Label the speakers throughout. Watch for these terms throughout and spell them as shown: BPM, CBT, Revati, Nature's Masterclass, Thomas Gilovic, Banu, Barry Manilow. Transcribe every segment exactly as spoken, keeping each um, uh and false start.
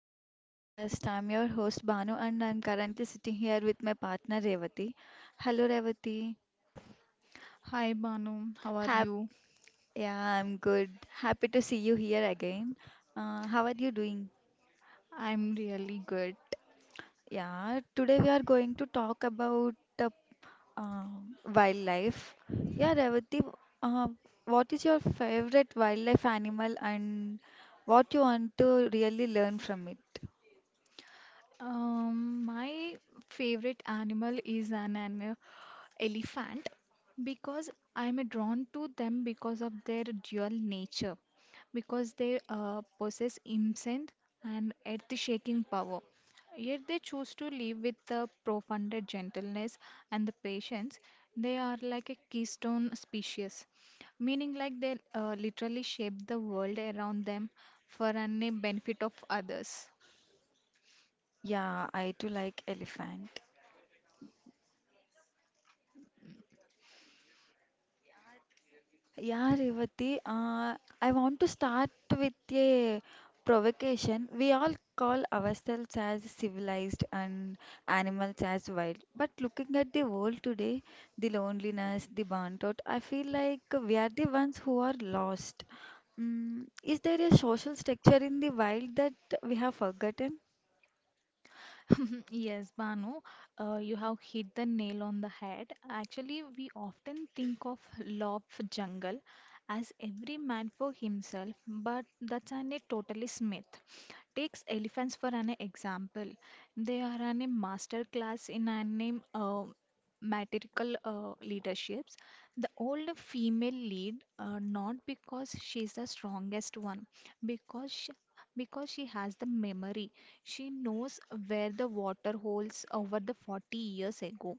Speaker 1: to the podcast. I'm your host Banu, and I'm currently sitting here with my partner Revati. Hello Revati.
Speaker 2: Hi Banu, how are
Speaker 1: Hap
Speaker 2: you?
Speaker 1: Yeah, I'm good. Happy to see you here again. Uh, how are you doing?
Speaker 2: I'm really good.
Speaker 1: Yeah, today we are going to talk about uh, uh, wildlife. Yeah, Revati, uh, what is your favorite wildlife animal, and what you want to really learn from it?
Speaker 2: Um, my favorite animal is an, an elephant because I'm drawn to them because of their dual nature, because they uh, possess immense and earth-shaking power. Yet they choose to live with the profound gentleness and the patience. They are like a keystone species, meaning like they uh, literally shape the world around them for the benefit of others.
Speaker 1: Yeah, I too like elephant. Yeah, Revati, uh, I want to start with a provocation. We all call ourselves as civilized and animals as wild. But looking at the world today, the loneliness, the burnt out, I feel like we are the ones who are lost. Mm, is there a social structure in the wild that we have forgotten?
Speaker 2: Yes, Banu, uh, you have hit the nail on the head. Actually, we often think of love jungle as every man for himself, but that's an, a totally myth. Takes elephants for an example. They are an, a master class in an uh, matriarchal uh, leaderships. The old female lead, uh, not because she's the strongest one, because she, because she has the memory. She knows where the water holes over the forty years ago.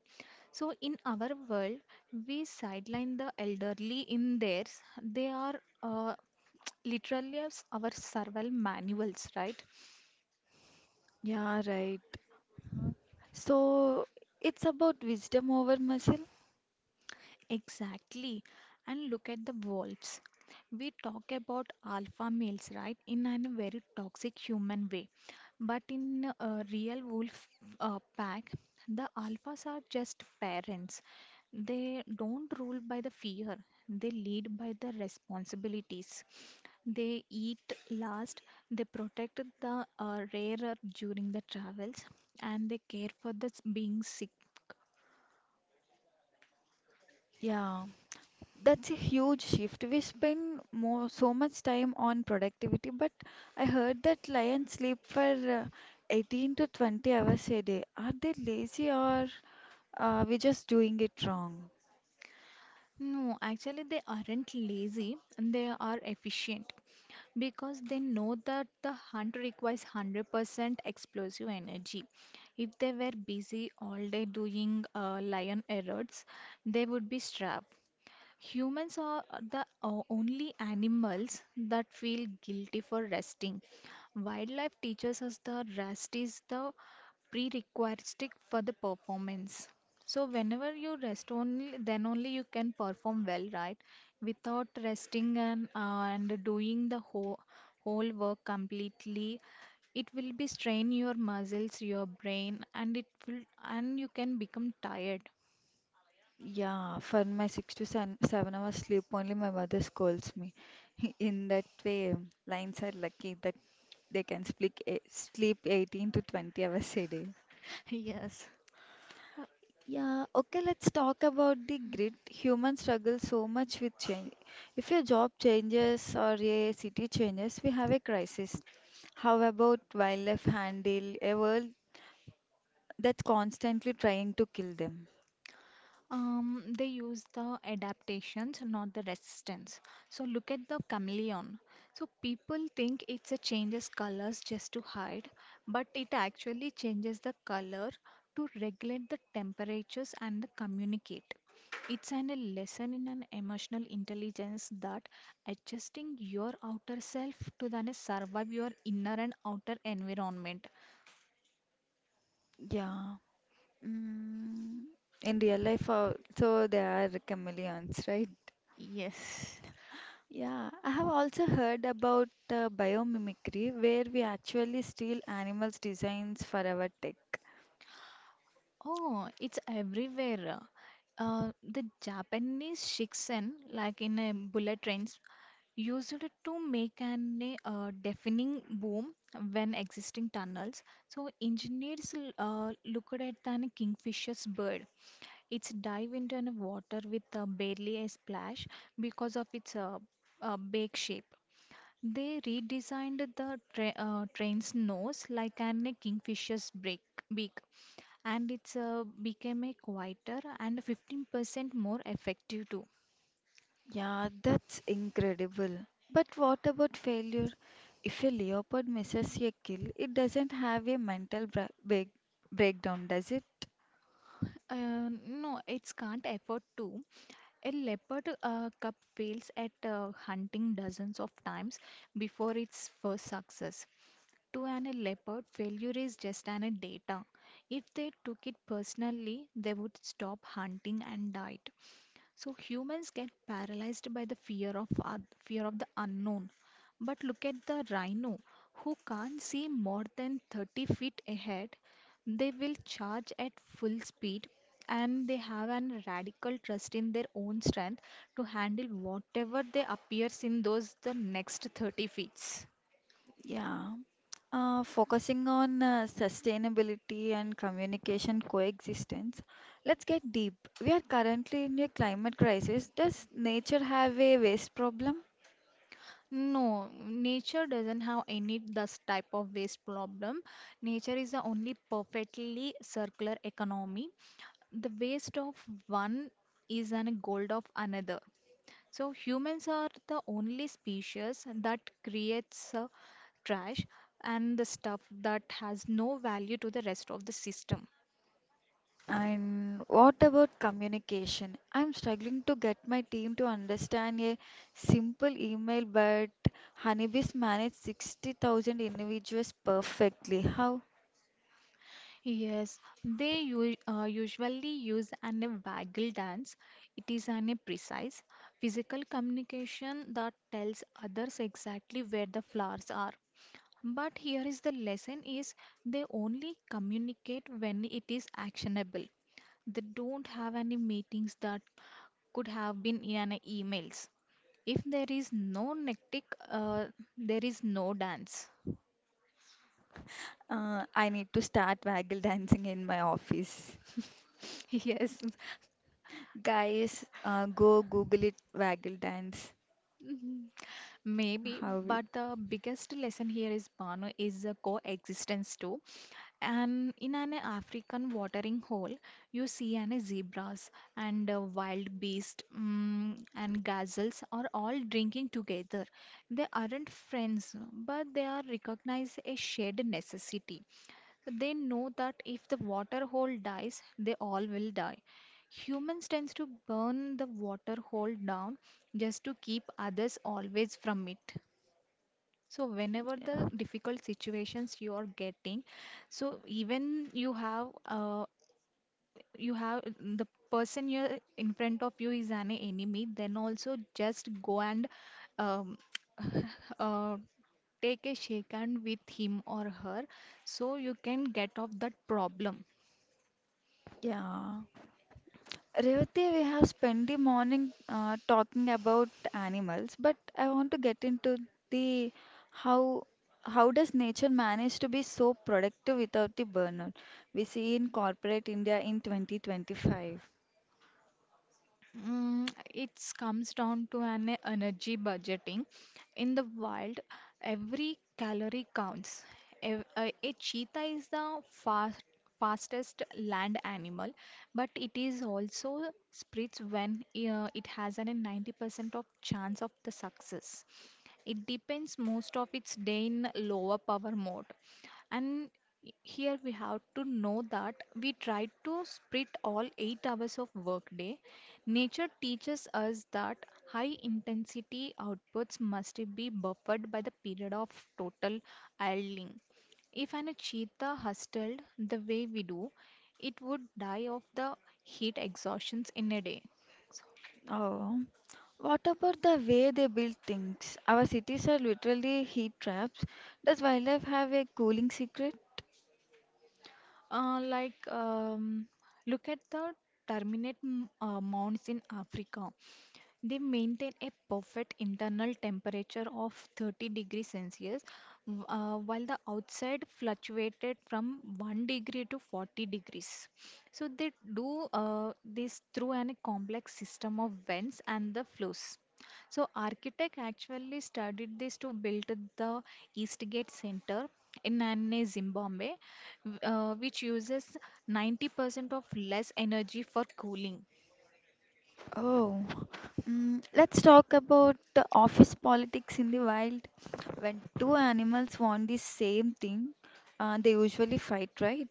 Speaker 2: So in our world, we sideline the elderly in theirs. They are uh, literally as our survival manuals, right?
Speaker 1: Yeah, right. Uh, So it's about wisdom over muscle.
Speaker 2: Exactly. And look at the wolves. We talk about alpha males, right, in a very toxic human way. But in a real wolf uh, pack, the alphas are just parents. They don't rule by the fear, they lead by the responsibilities. They eat last, they protect the uh, rarer during the travels, and they care for the s- being sick.
Speaker 1: Yeah. That's a huge shift. We spend more so much time on productivity, but I heard that lions sleep for uh, eighteen to twenty hours a day. Are they lazy or are we just doing it wrong?
Speaker 2: No, actually, they aren't lazy, they are efficient because they know that the hunt requires one hundred percent explosive energy. If they were busy all day doing uh, lion errands, they would be strapped. Humans are the o- only animals that feel guilty for resting. Wildlife teaches us the rest is the prerequisite for the performance. So whenever you rest only, then only you can perform well, right? Without resting and uh, and doing the whole whole work completely, it will be strain your muscles, your brain, and it will and you can become tired.
Speaker 1: Yeah, for my six to seven, seven hours sleep, only my mother scolds me. In that way, lions are lucky that they can sleep, sleep eighteen to twenty hours a day.
Speaker 2: Yes.
Speaker 1: Yeah, okay, let's talk about the grit. Humans struggle so much with change. If your job changes or a city changes, we have a crisis. How about wildlife handle a world that's constantly trying to kill them?
Speaker 2: Um, they use the adaptations, not the resistance. So look at the chameleon. So people think it's a changes colors just to hide, but it actually changes the color to regulate the temperatures and the communicate. It's an, a lesson in an emotional intelligence that adjusting your outer self to then survive your inner and outer environment.
Speaker 1: Yeah. Mm, in real life, uh, so there are chameleons, right?
Speaker 2: Yes.
Speaker 1: Yeah, I have also heard about uh, biomimicry, where we actually steal animals' designs for our tech.
Speaker 2: Oh, it's everywhere. Uh, the Japanese shiksen, like in uh, bullet trains, used it to make an uh, deafening boom when existing tunnels. So engineers l- uh, looked at the kingfisher's bird. It's dive into the water with uh, barely a splash because of its uh, uh, beak shape. They redesigned the tra- uh, train's nose like an a kingfisher's break- beak, and it's uh, became a quieter and fifteen percent more effective too.
Speaker 1: Yeah, that's incredible. But what about failure? If a leopard misses a kill, it doesn't have a mental bra- break- breakdown, does it?
Speaker 2: Uh, no, it's can't afford to. A leopard uh, cub fails at uh, hunting dozens of times before its first success. To an a leopard, failure is just an a data. If they took it personally, they would stop hunting and died. So humans get paralyzed by the fear of un- fear of the unknown. But look at the rhino, who can't see more than thirty feet ahead. They will charge at full speed, and they have an radical trust in their own strength to handle whatever they appears in those the next thirty feet.
Speaker 1: Yeah. Uh, focusing on uh, sustainability and communication coexistence, let's get deep. We are currently in a climate crisis. Does nature have a waste problem?
Speaker 2: No, nature doesn't have any this type of waste problem. Nature is the only perfectly circular economy, the waste of one is a gold of another, so humans are the only species that creates uh, trash and the stuff that has no value to the rest of the system.
Speaker 1: And what about communication? I'm struggling to get my team to understand a simple email, but Honeybees manage sixty thousand individuals perfectly. How?
Speaker 2: Yes, they u- uh, usually use an a waggle dance. It is an a precise physical communication that tells others exactly where the flowers are. But here is the lesson is they only communicate when it is actionable. They don't have any meetings that could have been in an emails. If there is no nectic, uh, there is no dance.
Speaker 1: Uh, I need to start waggle dancing in my office.
Speaker 2: Yes.
Speaker 1: Guys, uh, go Google it, waggle dance.
Speaker 2: Mhm. Maybe,
Speaker 1: How it?
Speaker 2: but the biggest lesson here is Banu is a coexistence too. And in an African watering hole, you see an zebras and a wild beast, mm, and gazelles are all drinking together. They aren't friends, but they are recognized a shared necessity. They know that if the water hole dies, they all will die. Humans tends to burn the water hole down just to keep others always from it. So whenever the difficult situations you are getting, so even you have uh, you have the person you're in front of you is an enemy, then also just go and um, uh, take a shake hand with him or her so you can get off that problem.
Speaker 1: Yeah. Revati, we have spent the morning uh, talking about animals, but I want to get into the how how does nature manage to be so productive without the burnout we see in corporate India in twenty twenty-five?
Speaker 2: Mm, it comes down to an energy budgeting. In the wild, every calorie counts. Ev- A, a cheetah is the fast, fastest land animal, but it is also spreads when uh, it has an ninety percent of chance of the success. It depends most of its day in lower power mode. And here we have to know that we try to split all eight hours of workday. Nature teaches us that high intensity outputs must be buffered by the period of total idling. If an cheetah hustled the way we do, it would die of the heat exhaustions in a day.
Speaker 1: Oh, what about the way they build things? Our cities are literally heat traps. Does wildlife have a cooling secret?
Speaker 2: Uh, like, um, Look at the terminate m- uh, mounds in Africa. They maintain a perfect internal temperature of thirty degrees Celsius, w- uh, while the outside fluctuated from one degree to forty degrees. So they do uh, this through an complex system of vents and the flows. So architect actually studied this to build the Eastgate Center in Nane, Zimbabwe, w- uh, which uses ninety percent of less energy for cooling.
Speaker 1: Oh, mm, let's talk about the office politics in the wild. When two animals want the same thing, uh, they usually fight, right?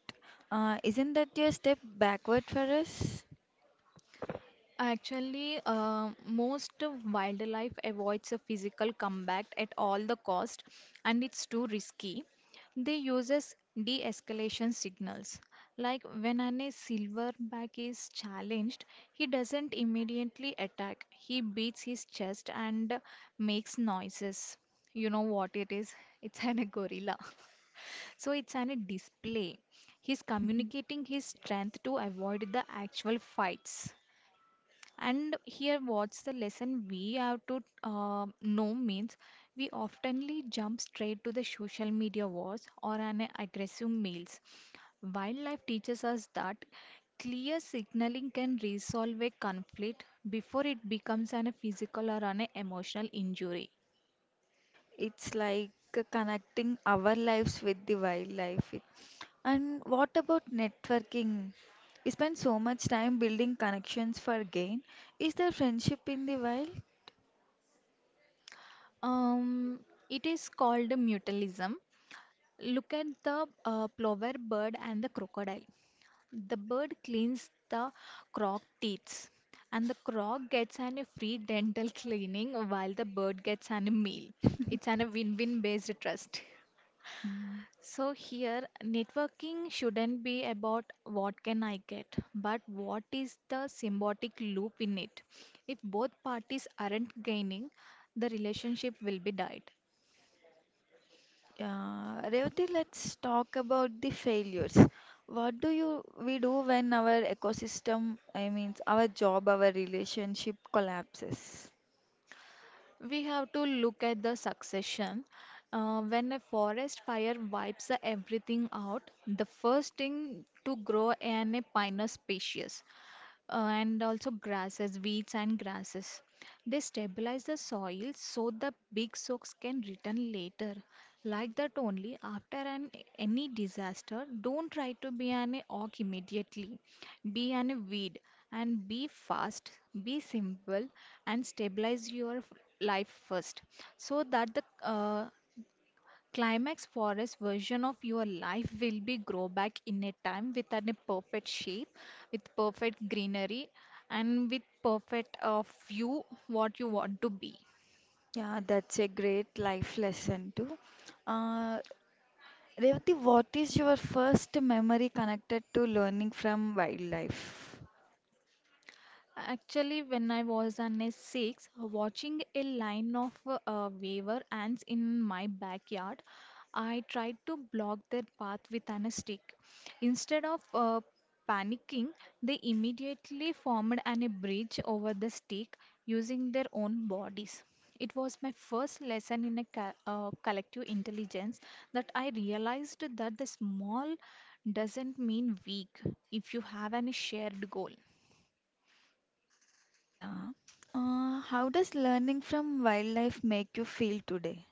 Speaker 1: Uh, isn't that a step backward for us?
Speaker 2: Actually, uh, most wildlife avoids a physical combat at all the cost, and it's too risky. They uses de-escalation signals. Like when an a silverback is challenged, he doesn't immediately attack. He beats his chest and makes noises. You know what it is? It's an a gorilla. So it's an a display. He's communicating his strength to avoid the actual fights. And here, what's the lesson we have to uh, know means we oftenly jump straight to the social media wars or an aggressive meals. Wildlife teaches us that clear signaling can resolve a conflict before it becomes an physical or an emotional injury.
Speaker 1: It's like uh, connecting our lives with the wildlife. It- And what about networking? We spend so much time building connections for gain. Is there friendship in the wild?
Speaker 2: Um, it is called mutualism. Look at the uh, plover bird and the crocodile. The bird cleans the croc teeth, and the croc gets an a free dental cleaning while the bird gets an a meal. It's an a win-win based trust.
Speaker 1: Hmm.
Speaker 2: So here, networking shouldn't be about what can I get, but what is the symbiotic loop in it. If both parties aren't gaining, the relationship will be died.
Speaker 1: Yeah, Revati, let's talk about the failures. What do you we do when our ecosystem, I mean our job, our relationship collapses?
Speaker 2: We have to look at the succession. Uh, when a forest fire wipes everything out, the first thing to grow in a pioneer species uh, and also grasses, weeds, and grasses. They stabilize the soil so the big soaks can return later. Like that only after an any disaster, don't try to be an oak immediately. Be an weed and be fast, be simple, and stabilize your f- life first so that the uh, Climax Forest version of your life will be grow back in a time with an- a perfect shape, with perfect greenery, and with perfect uh, view what you want to be.
Speaker 1: Yeah, that's a great life lesson too. Uh, Revati, what is your first memory connected to learning from wildlife?
Speaker 2: Actually, when I was on a six, watching a line of uh, waver ants in my backyard, I tried to block their path with an stick. Instead of uh, panicking, they immediately formed an a bridge over the stick using their own bodies. It was my first lesson in a co- uh, collective intelligence that I realized that the small doesn't mean weak if you have a shared goal.
Speaker 1: Yeah. Uh, how does learning from wildlife make you feel today?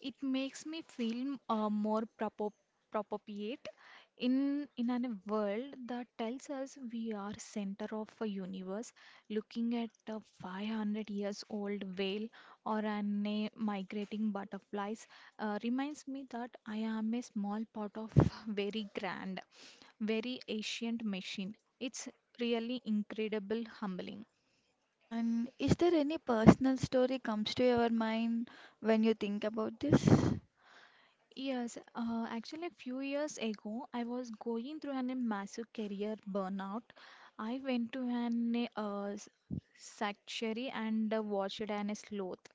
Speaker 2: It makes me feel uh, more propo- appropriate in in a world that tells us we are center of a universe. Looking at a five hundred years old whale or an a migrating butterflies uh, reminds me that I am a small part of very grand, very ancient machine. It's really incredible humbling.
Speaker 1: And is there any personal story comes to your mind when you think about this?
Speaker 2: Yes, uh, actually, a few years ago, I was going through an, a massive career burnout. I went to an uh, s- sanctuary and uh, watched an sloth.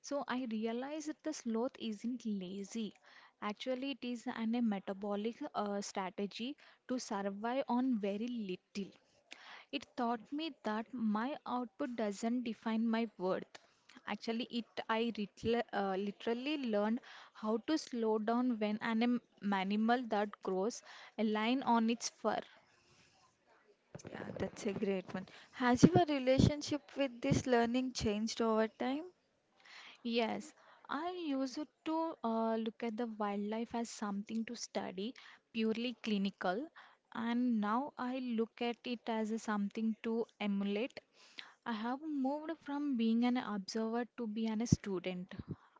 Speaker 2: So I realized that the sloth isn't lazy. Actually, it is an, a metabolic uh, strategy to survive on very little. It taught me that my output doesn't define my worth. Actually, it I ritl- uh, literally learned how to slow down when an am- animal that grows a line on its fur.
Speaker 1: Yeah, that's a great one. Has your relationship with this learning changed over time?
Speaker 2: Yes, I used to uh, look at the wildlife as something to study, purely clinical, and now I look at it as a something to emulate. I have moved from being an observer to be an student.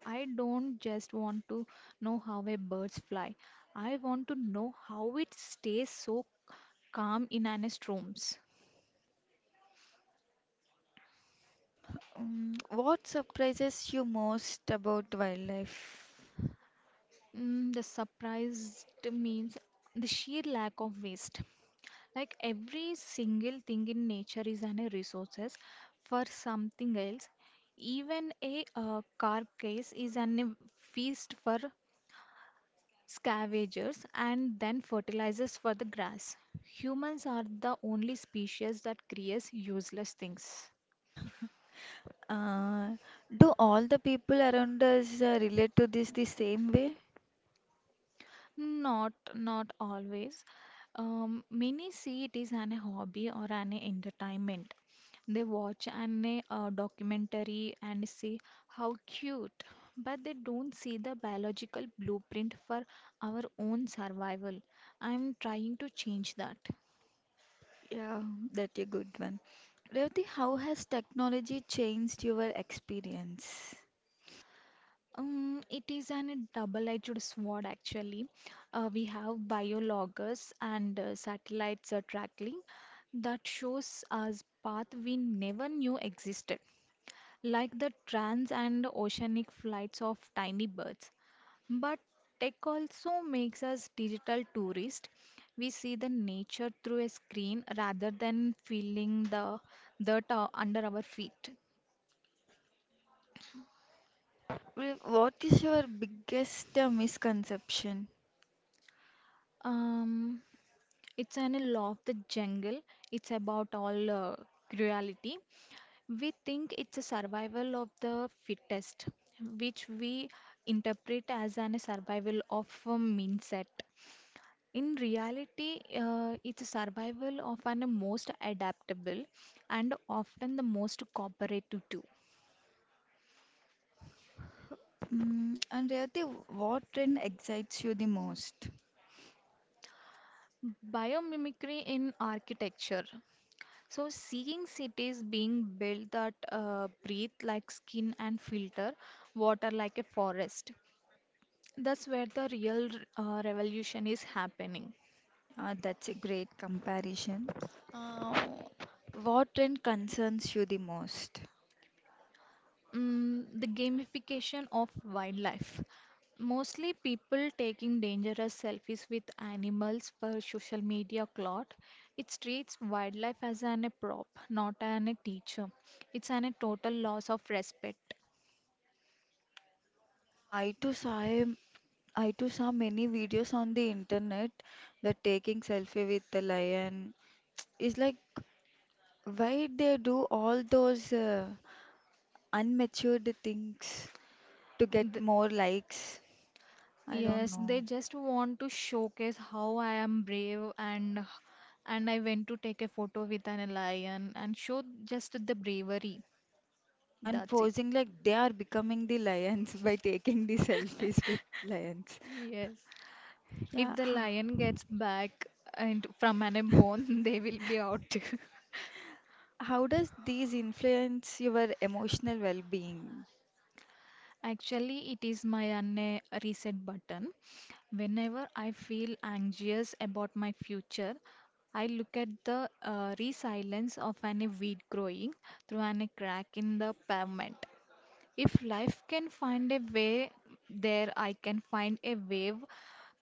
Speaker 2: I don't just want to know how a birds fly. I want to know how it stays so calm in an storms.
Speaker 1: Mm, what surprises you most about wildlife?
Speaker 2: Mm, the surprised means the sheer lack of waste. Like every single thing in nature is an resources for something else. Even a uh, carcass is an feast for scavengers and then fertilizers for the grass. Humans are the only species that creates useless things.
Speaker 1: Uh, do all the people around us uh, relate to this the same way?
Speaker 2: Not not always. Um, many see it as an hobby or an entertainment. They watch an uh, documentary and say how cute, but they don't see the biological blueprint for our own survival. I'm trying to change that.
Speaker 1: Yeah, that's a good one. Revati, how has technology changed your experience?
Speaker 2: Um, it is an, a double-edged sword actually. Uh, we have biologgers and uh, satellites uh, tracking that shows us path we never knew existed, like the trans and oceanic flights of tiny birds. But tech also makes us digital tourists. We see the nature through a screen rather than feeling the dirt uh, under our feet.
Speaker 1: Rev- What is your biggest uh, misconception?
Speaker 2: Um, It's an law of the jungle. It's about all uh, cruelty. We think it's a survival of the fittest, which we interpret as an survival of a mindset. In reality, uh, it's a survival of an most adaptable and often the most cooperative too.
Speaker 1: Mm, and Revati, what trend excites you the most?
Speaker 2: Biomimicry in architecture. So, seeing cities being built that uh, breathe like skin and filter water like a forest. That's where the real uh, revolution is happening.
Speaker 1: Uh, that's a great comparison. Uh, what trend concerns you the most?
Speaker 2: Mm, the gamification of wildlife. Mostly people taking dangerous selfies with animals for social media clout. It treats wildlife as an a prop, not an a teacher. It's an a total loss of respect.
Speaker 1: I too saw a- I too saw many videos on the internet that taking selfie with the lion is like why they do all those uh, unmatured things to get
Speaker 2: Th-
Speaker 1: more likes. I don't
Speaker 2: Yes, they
Speaker 1: know.
Speaker 2: just want to showcase how I am brave and h- and I went to take a photo with an lion and show just the bravery.
Speaker 1: Uh, and
Speaker 2: That's it.
Speaker 1: posing like they are becoming the lions by taking the selfies with lions.
Speaker 2: Yes. If
Speaker 1: Yeah.
Speaker 2: the lion gets back and from an bone, they will be out.
Speaker 1: How does these influence your emotional well-being?
Speaker 2: Actually, it is my unne reset button. Whenever I feel anxious about my future, I look at the uh, resilience of an weed growing through an crack in the pavement. If life can find a way there, I can find a wave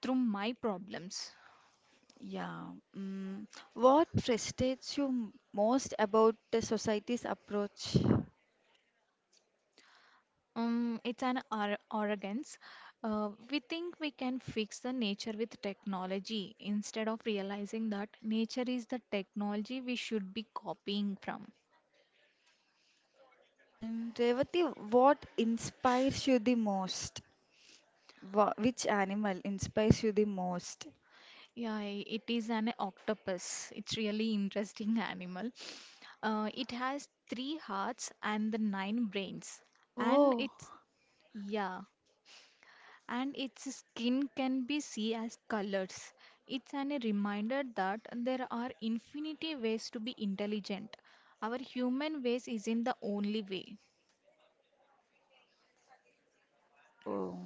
Speaker 2: through my problems.
Speaker 1: Yeah. Mm. What frustrates you m- most about the society's approach?
Speaker 2: Um, it's an ar- arrogance. Uh, we think we can fix the nature with technology instead of realizing that nature is the technology we should be copying from.
Speaker 1: And Revati, what inspires you the most? Wha- Which animal inspires you the most?
Speaker 2: Yeah, i- it is an octopus. It's really interesting animal. Uh, it has three hearts and the nine brains, and
Speaker 1: Oh,
Speaker 2: it's yeah. And its skin can be seen as colors. It's an, a reminder that there are infinity ways to be intelligent. Our human ways isn't the only way.
Speaker 1: oh.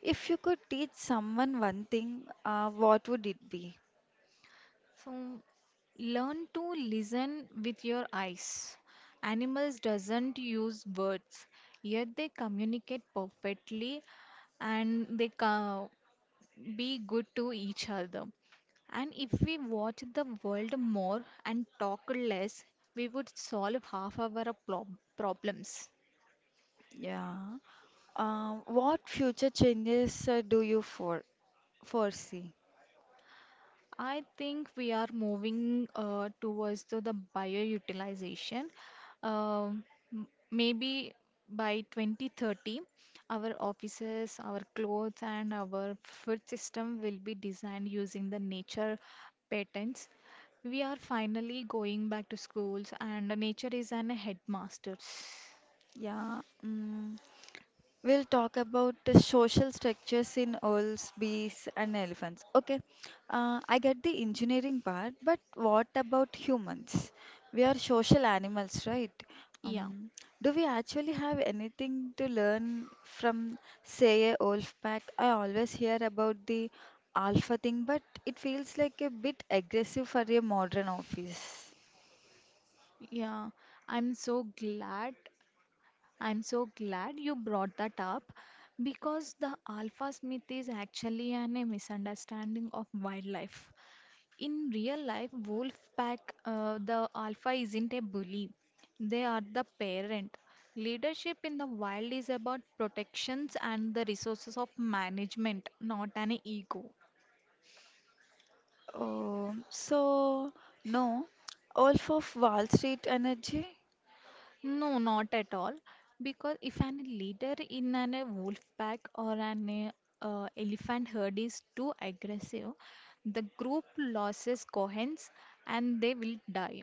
Speaker 1: If you could teach someone one thing, uh, what would it be?
Speaker 2: So learn to listen with your eyes. Animals doesn't use words, yet they communicate perfectly and they co- be good to each other. And if we watch the world more and talk less, we would solve half our prob- problems.
Speaker 1: Yeah. Uh, what future changes uh, do you for foresee?
Speaker 2: I think we are moving uh, towards to the bioutilization. Um, m- Maybe by twenty thirty, our offices, our clothes, and our food system will be designed using the nature patterns. We are finally going back to schools, and nature is an headmaster.
Speaker 1: Yeah. Mm. We'll talk about the social structures in owls, bees, and elephants. Okay, uh, I get the engineering part, but what about humans? We are social animals, right?
Speaker 2: Yeah,
Speaker 1: Um, do we actually have anything to learn from, say, a wolf pack? I always hear about the alpha thing, but it feels like a bit aggressive for a modern office.
Speaker 2: yeah. I'm so glad I'm so glad you brought that up because the alpha myth is actually an, a misunderstanding of wildlife. In real life, wolf pack, uh, the alpha isn't a bully, they are the parent. Leadership in the wild is about protections and the resources of management, not an ego.
Speaker 1: Oh, so, no, Wolf of Wall Street energy?
Speaker 2: No, not at all. Because if an leader in an a wolf pack or an a, uh, elephant herd is too aggressive, the group loses coherence and they will die.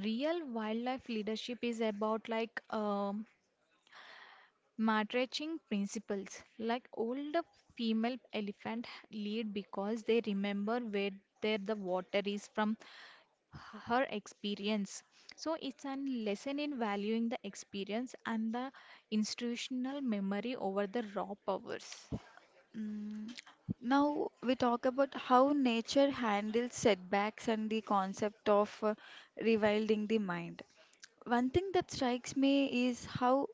Speaker 2: Real wildlife leadership is about like um, matrixing principles. Like older female elephant lead because they remember where their the water is from her experience. So it's a lesson in valuing the experience and the institutional memory over the raw powers.
Speaker 1: Mm, now we talk about how nature handles setbacks and the concept of uh, rewilding the mind. One thing that strikes me is how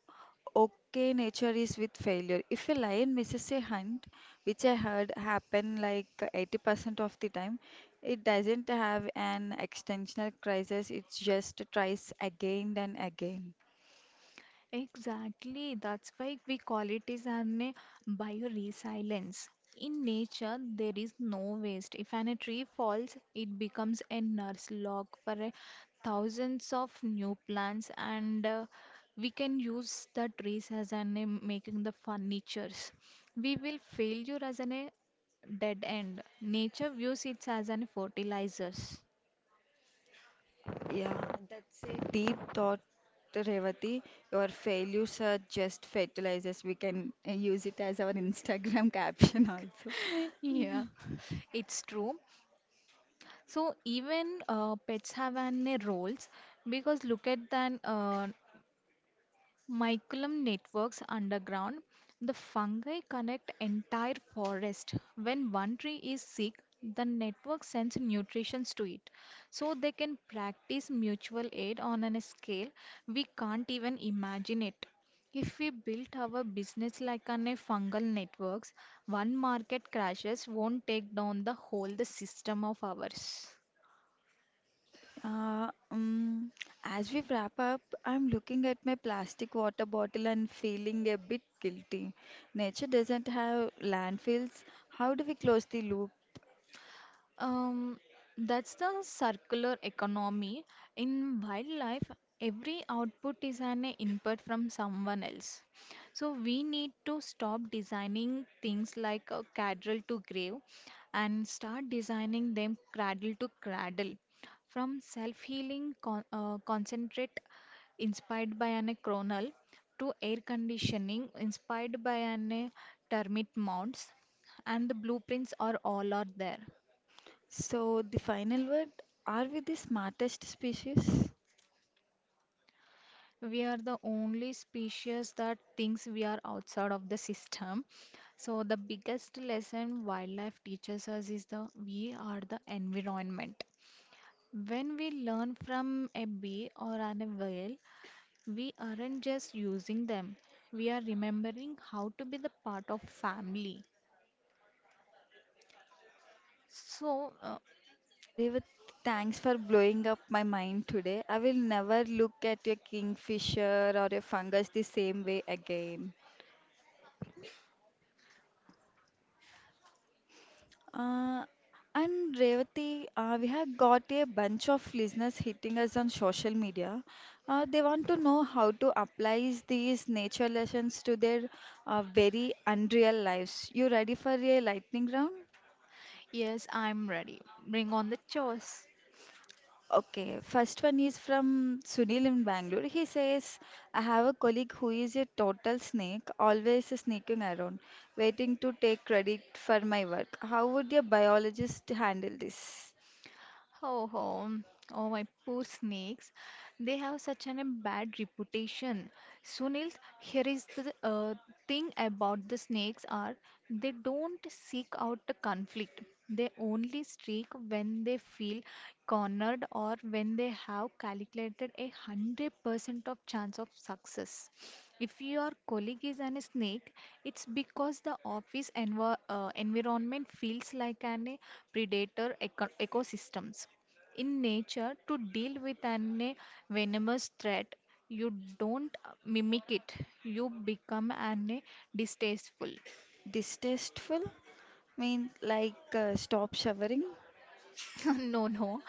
Speaker 1: okay nature is with failure. If a lion misses a hunt, which I heard happen like eighty percent of the time, it doesn't have an existential crisis, it just tries again and again.
Speaker 2: Exactly, that's why we call it is an uh, bioresilience. In nature, there is no waste. If an, a tree falls, it becomes a nurse log for a thousands of new plants, and uh, we can use the trees as an uh, making the furnitures. We will failure as an a dead end. Nature views it as an fertilizers.
Speaker 1: Yeah, that's a deep thought, Revati. Your failures are just fertilizers. We can uh, use it as our Instagram caption also.
Speaker 2: Yeah, it's true. So even uh, pets have an a roles because look at the uh, mycelium networks underground. The fungi connect entire forest. When one tree is sick, the network sends nutrients to it. So they can practice mutual aid on a scale we can't even imagine it. If we built our business like on a fungal networks, one market crashes won't take down the whole the system of ours.
Speaker 1: Uh, um, as we wrap up, I'm looking at my plastic water bottle and feeling a bit guilty. Nature doesn't have landfills. How do we close the loop?
Speaker 2: Um, that's the circular economy. In wildlife, every output is an input from someone else. So we need to stop designing things like a cradle to grave and start designing them cradle to cradle. From self healing con- uh, concentrate inspired by an chronal to air conditioning inspired by an termite mounds and the blueprints are all are there.
Speaker 1: So, the final word, are we the smartest species?
Speaker 2: We are the only species that thinks we are outside of the system. So, the biggest lesson wildlife teaches us is the we are the environment. When we learn from a bee or an whale, we aren't just using them. We are remembering how to be the part of family. So, uh,
Speaker 1: Revit, thanks for blowing up my mind today. I will never look at a kingfisher or a fungus the same way again. Uh, and Revati, uh, we have got a bunch of listeners hitting us on social media. Uh, they want to know how to apply these nature lessons to their uh, very unreal lives. You ready for a lightning round?
Speaker 2: yes, I'm ready. Bring on the chores.
Speaker 1: Okay, first one is from Sunil in Bangalore. He says, I have a colleague who is a total snake, always sneaking around, waiting to take credit for my work. How would a biologist handle this?
Speaker 2: Ho ho. Oh, my poor snakes. They have such an, a bad reputation. Sunil, here is the uh, thing about the snakes are they don't seek out the conflict. They only streak when they feel cornered or when they have calculated a hundred percent of chance of success. If your colleague is an snake, it's because the office envi- uh, environment feels like an a predator eco- ecosystem in nature to deal with an a venomous threat you don't mimic it you become an a distasteful.
Speaker 1: Distasteful? Mean like uh, stop showering?
Speaker 2: No, no.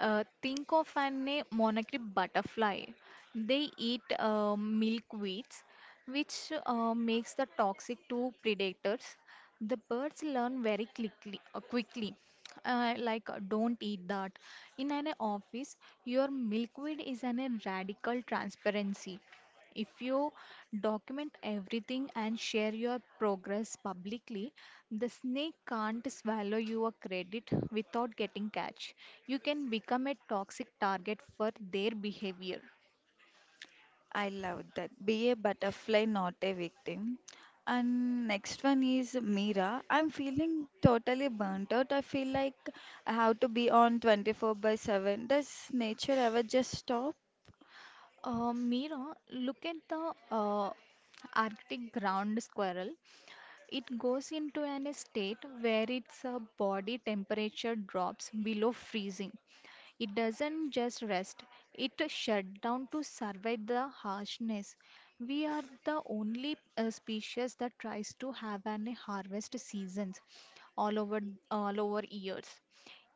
Speaker 2: Uh, think of an monarchy butterfly. They eat uh, milkweeds, which uh, makes the toxic to predators. The birds learn very quickly, uh, quickly. Uh, like uh, don't eat that. In an uh, office, your milkweed is an a radical transparency. If you document everything and share your progress publicly, the snake can't swallow your credit without getting catch. You can become a toxic target for their behavior.
Speaker 1: I love that. Be a butterfly, not a victim. And next one is Mira. I'm feeling totally burnt out. I feel like I have to be on twenty-four by seven. Does nature ever just stop?
Speaker 2: Uh, Mira, look at the uh, Arctic ground squirrel. It goes into an state where its uh, body temperature drops below freezing. It doesn't just rest, it shut down to survive the harshness. We are the only uh, species that tries to have an harvest seasons all over all over years.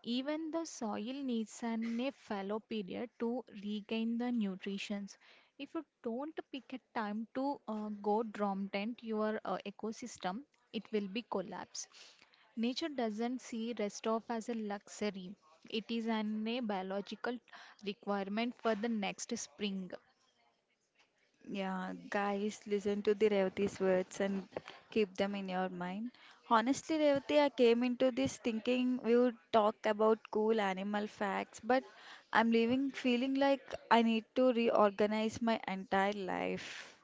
Speaker 2: Even the soil needs an a fallow period to regain the nutrients. If you don't pick a time to uh, go dormant, your uh, ecosystem it will be collapse. Nature doesn't see rest of as a luxury. It is an a biological requirement for the next spring.
Speaker 1: Yeah, guys, listen to the Revati's words and keep them in your mind. Honestly, Revati, I came into this thinking we would talk about cool animal facts, but I'm leaving feeling like I need to reorganize my entire life.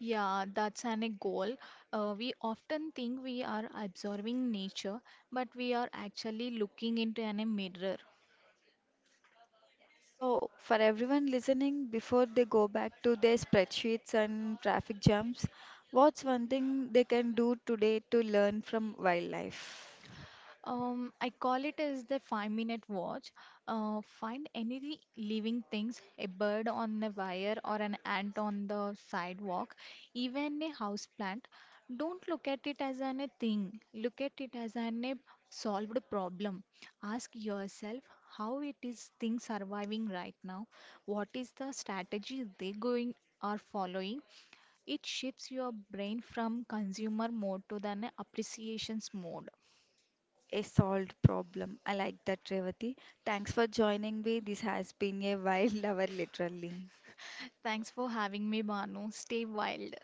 Speaker 2: Yeah, that's an a goal. Uh, we often think we are absorbing nature, but we are actually looking into an a mirror.
Speaker 1: So, for everyone listening, before they go back to their spreadsheets and traffic jams, what's one thing they can do today to learn from wildlife?
Speaker 2: Um, I call it as the five minute watch. Uh, find any living things, a bird on a wire or an ant on the sidewalk, even a house plant. Don't look at it as an a thing. Look at it as an a solved problem. Ask yourself how it is things surviving right now. What is the strategy they going are following? It shifts your brain from consumer mode to the an appreciations mode.
Speaker 1: A solved problem. I like that, Revati. Thanks for joining me. This has been a wild hour, literally.
Speaker 2: Thanks for having me, Banu. Stay wild.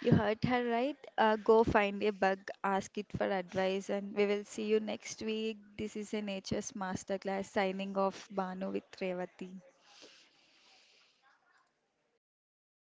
Speaker 1: You heard her right. Uh, go find a bug, ask it for advice, and we will see you next week. This is a Nature's Masterclass signing off, Banu with Revati.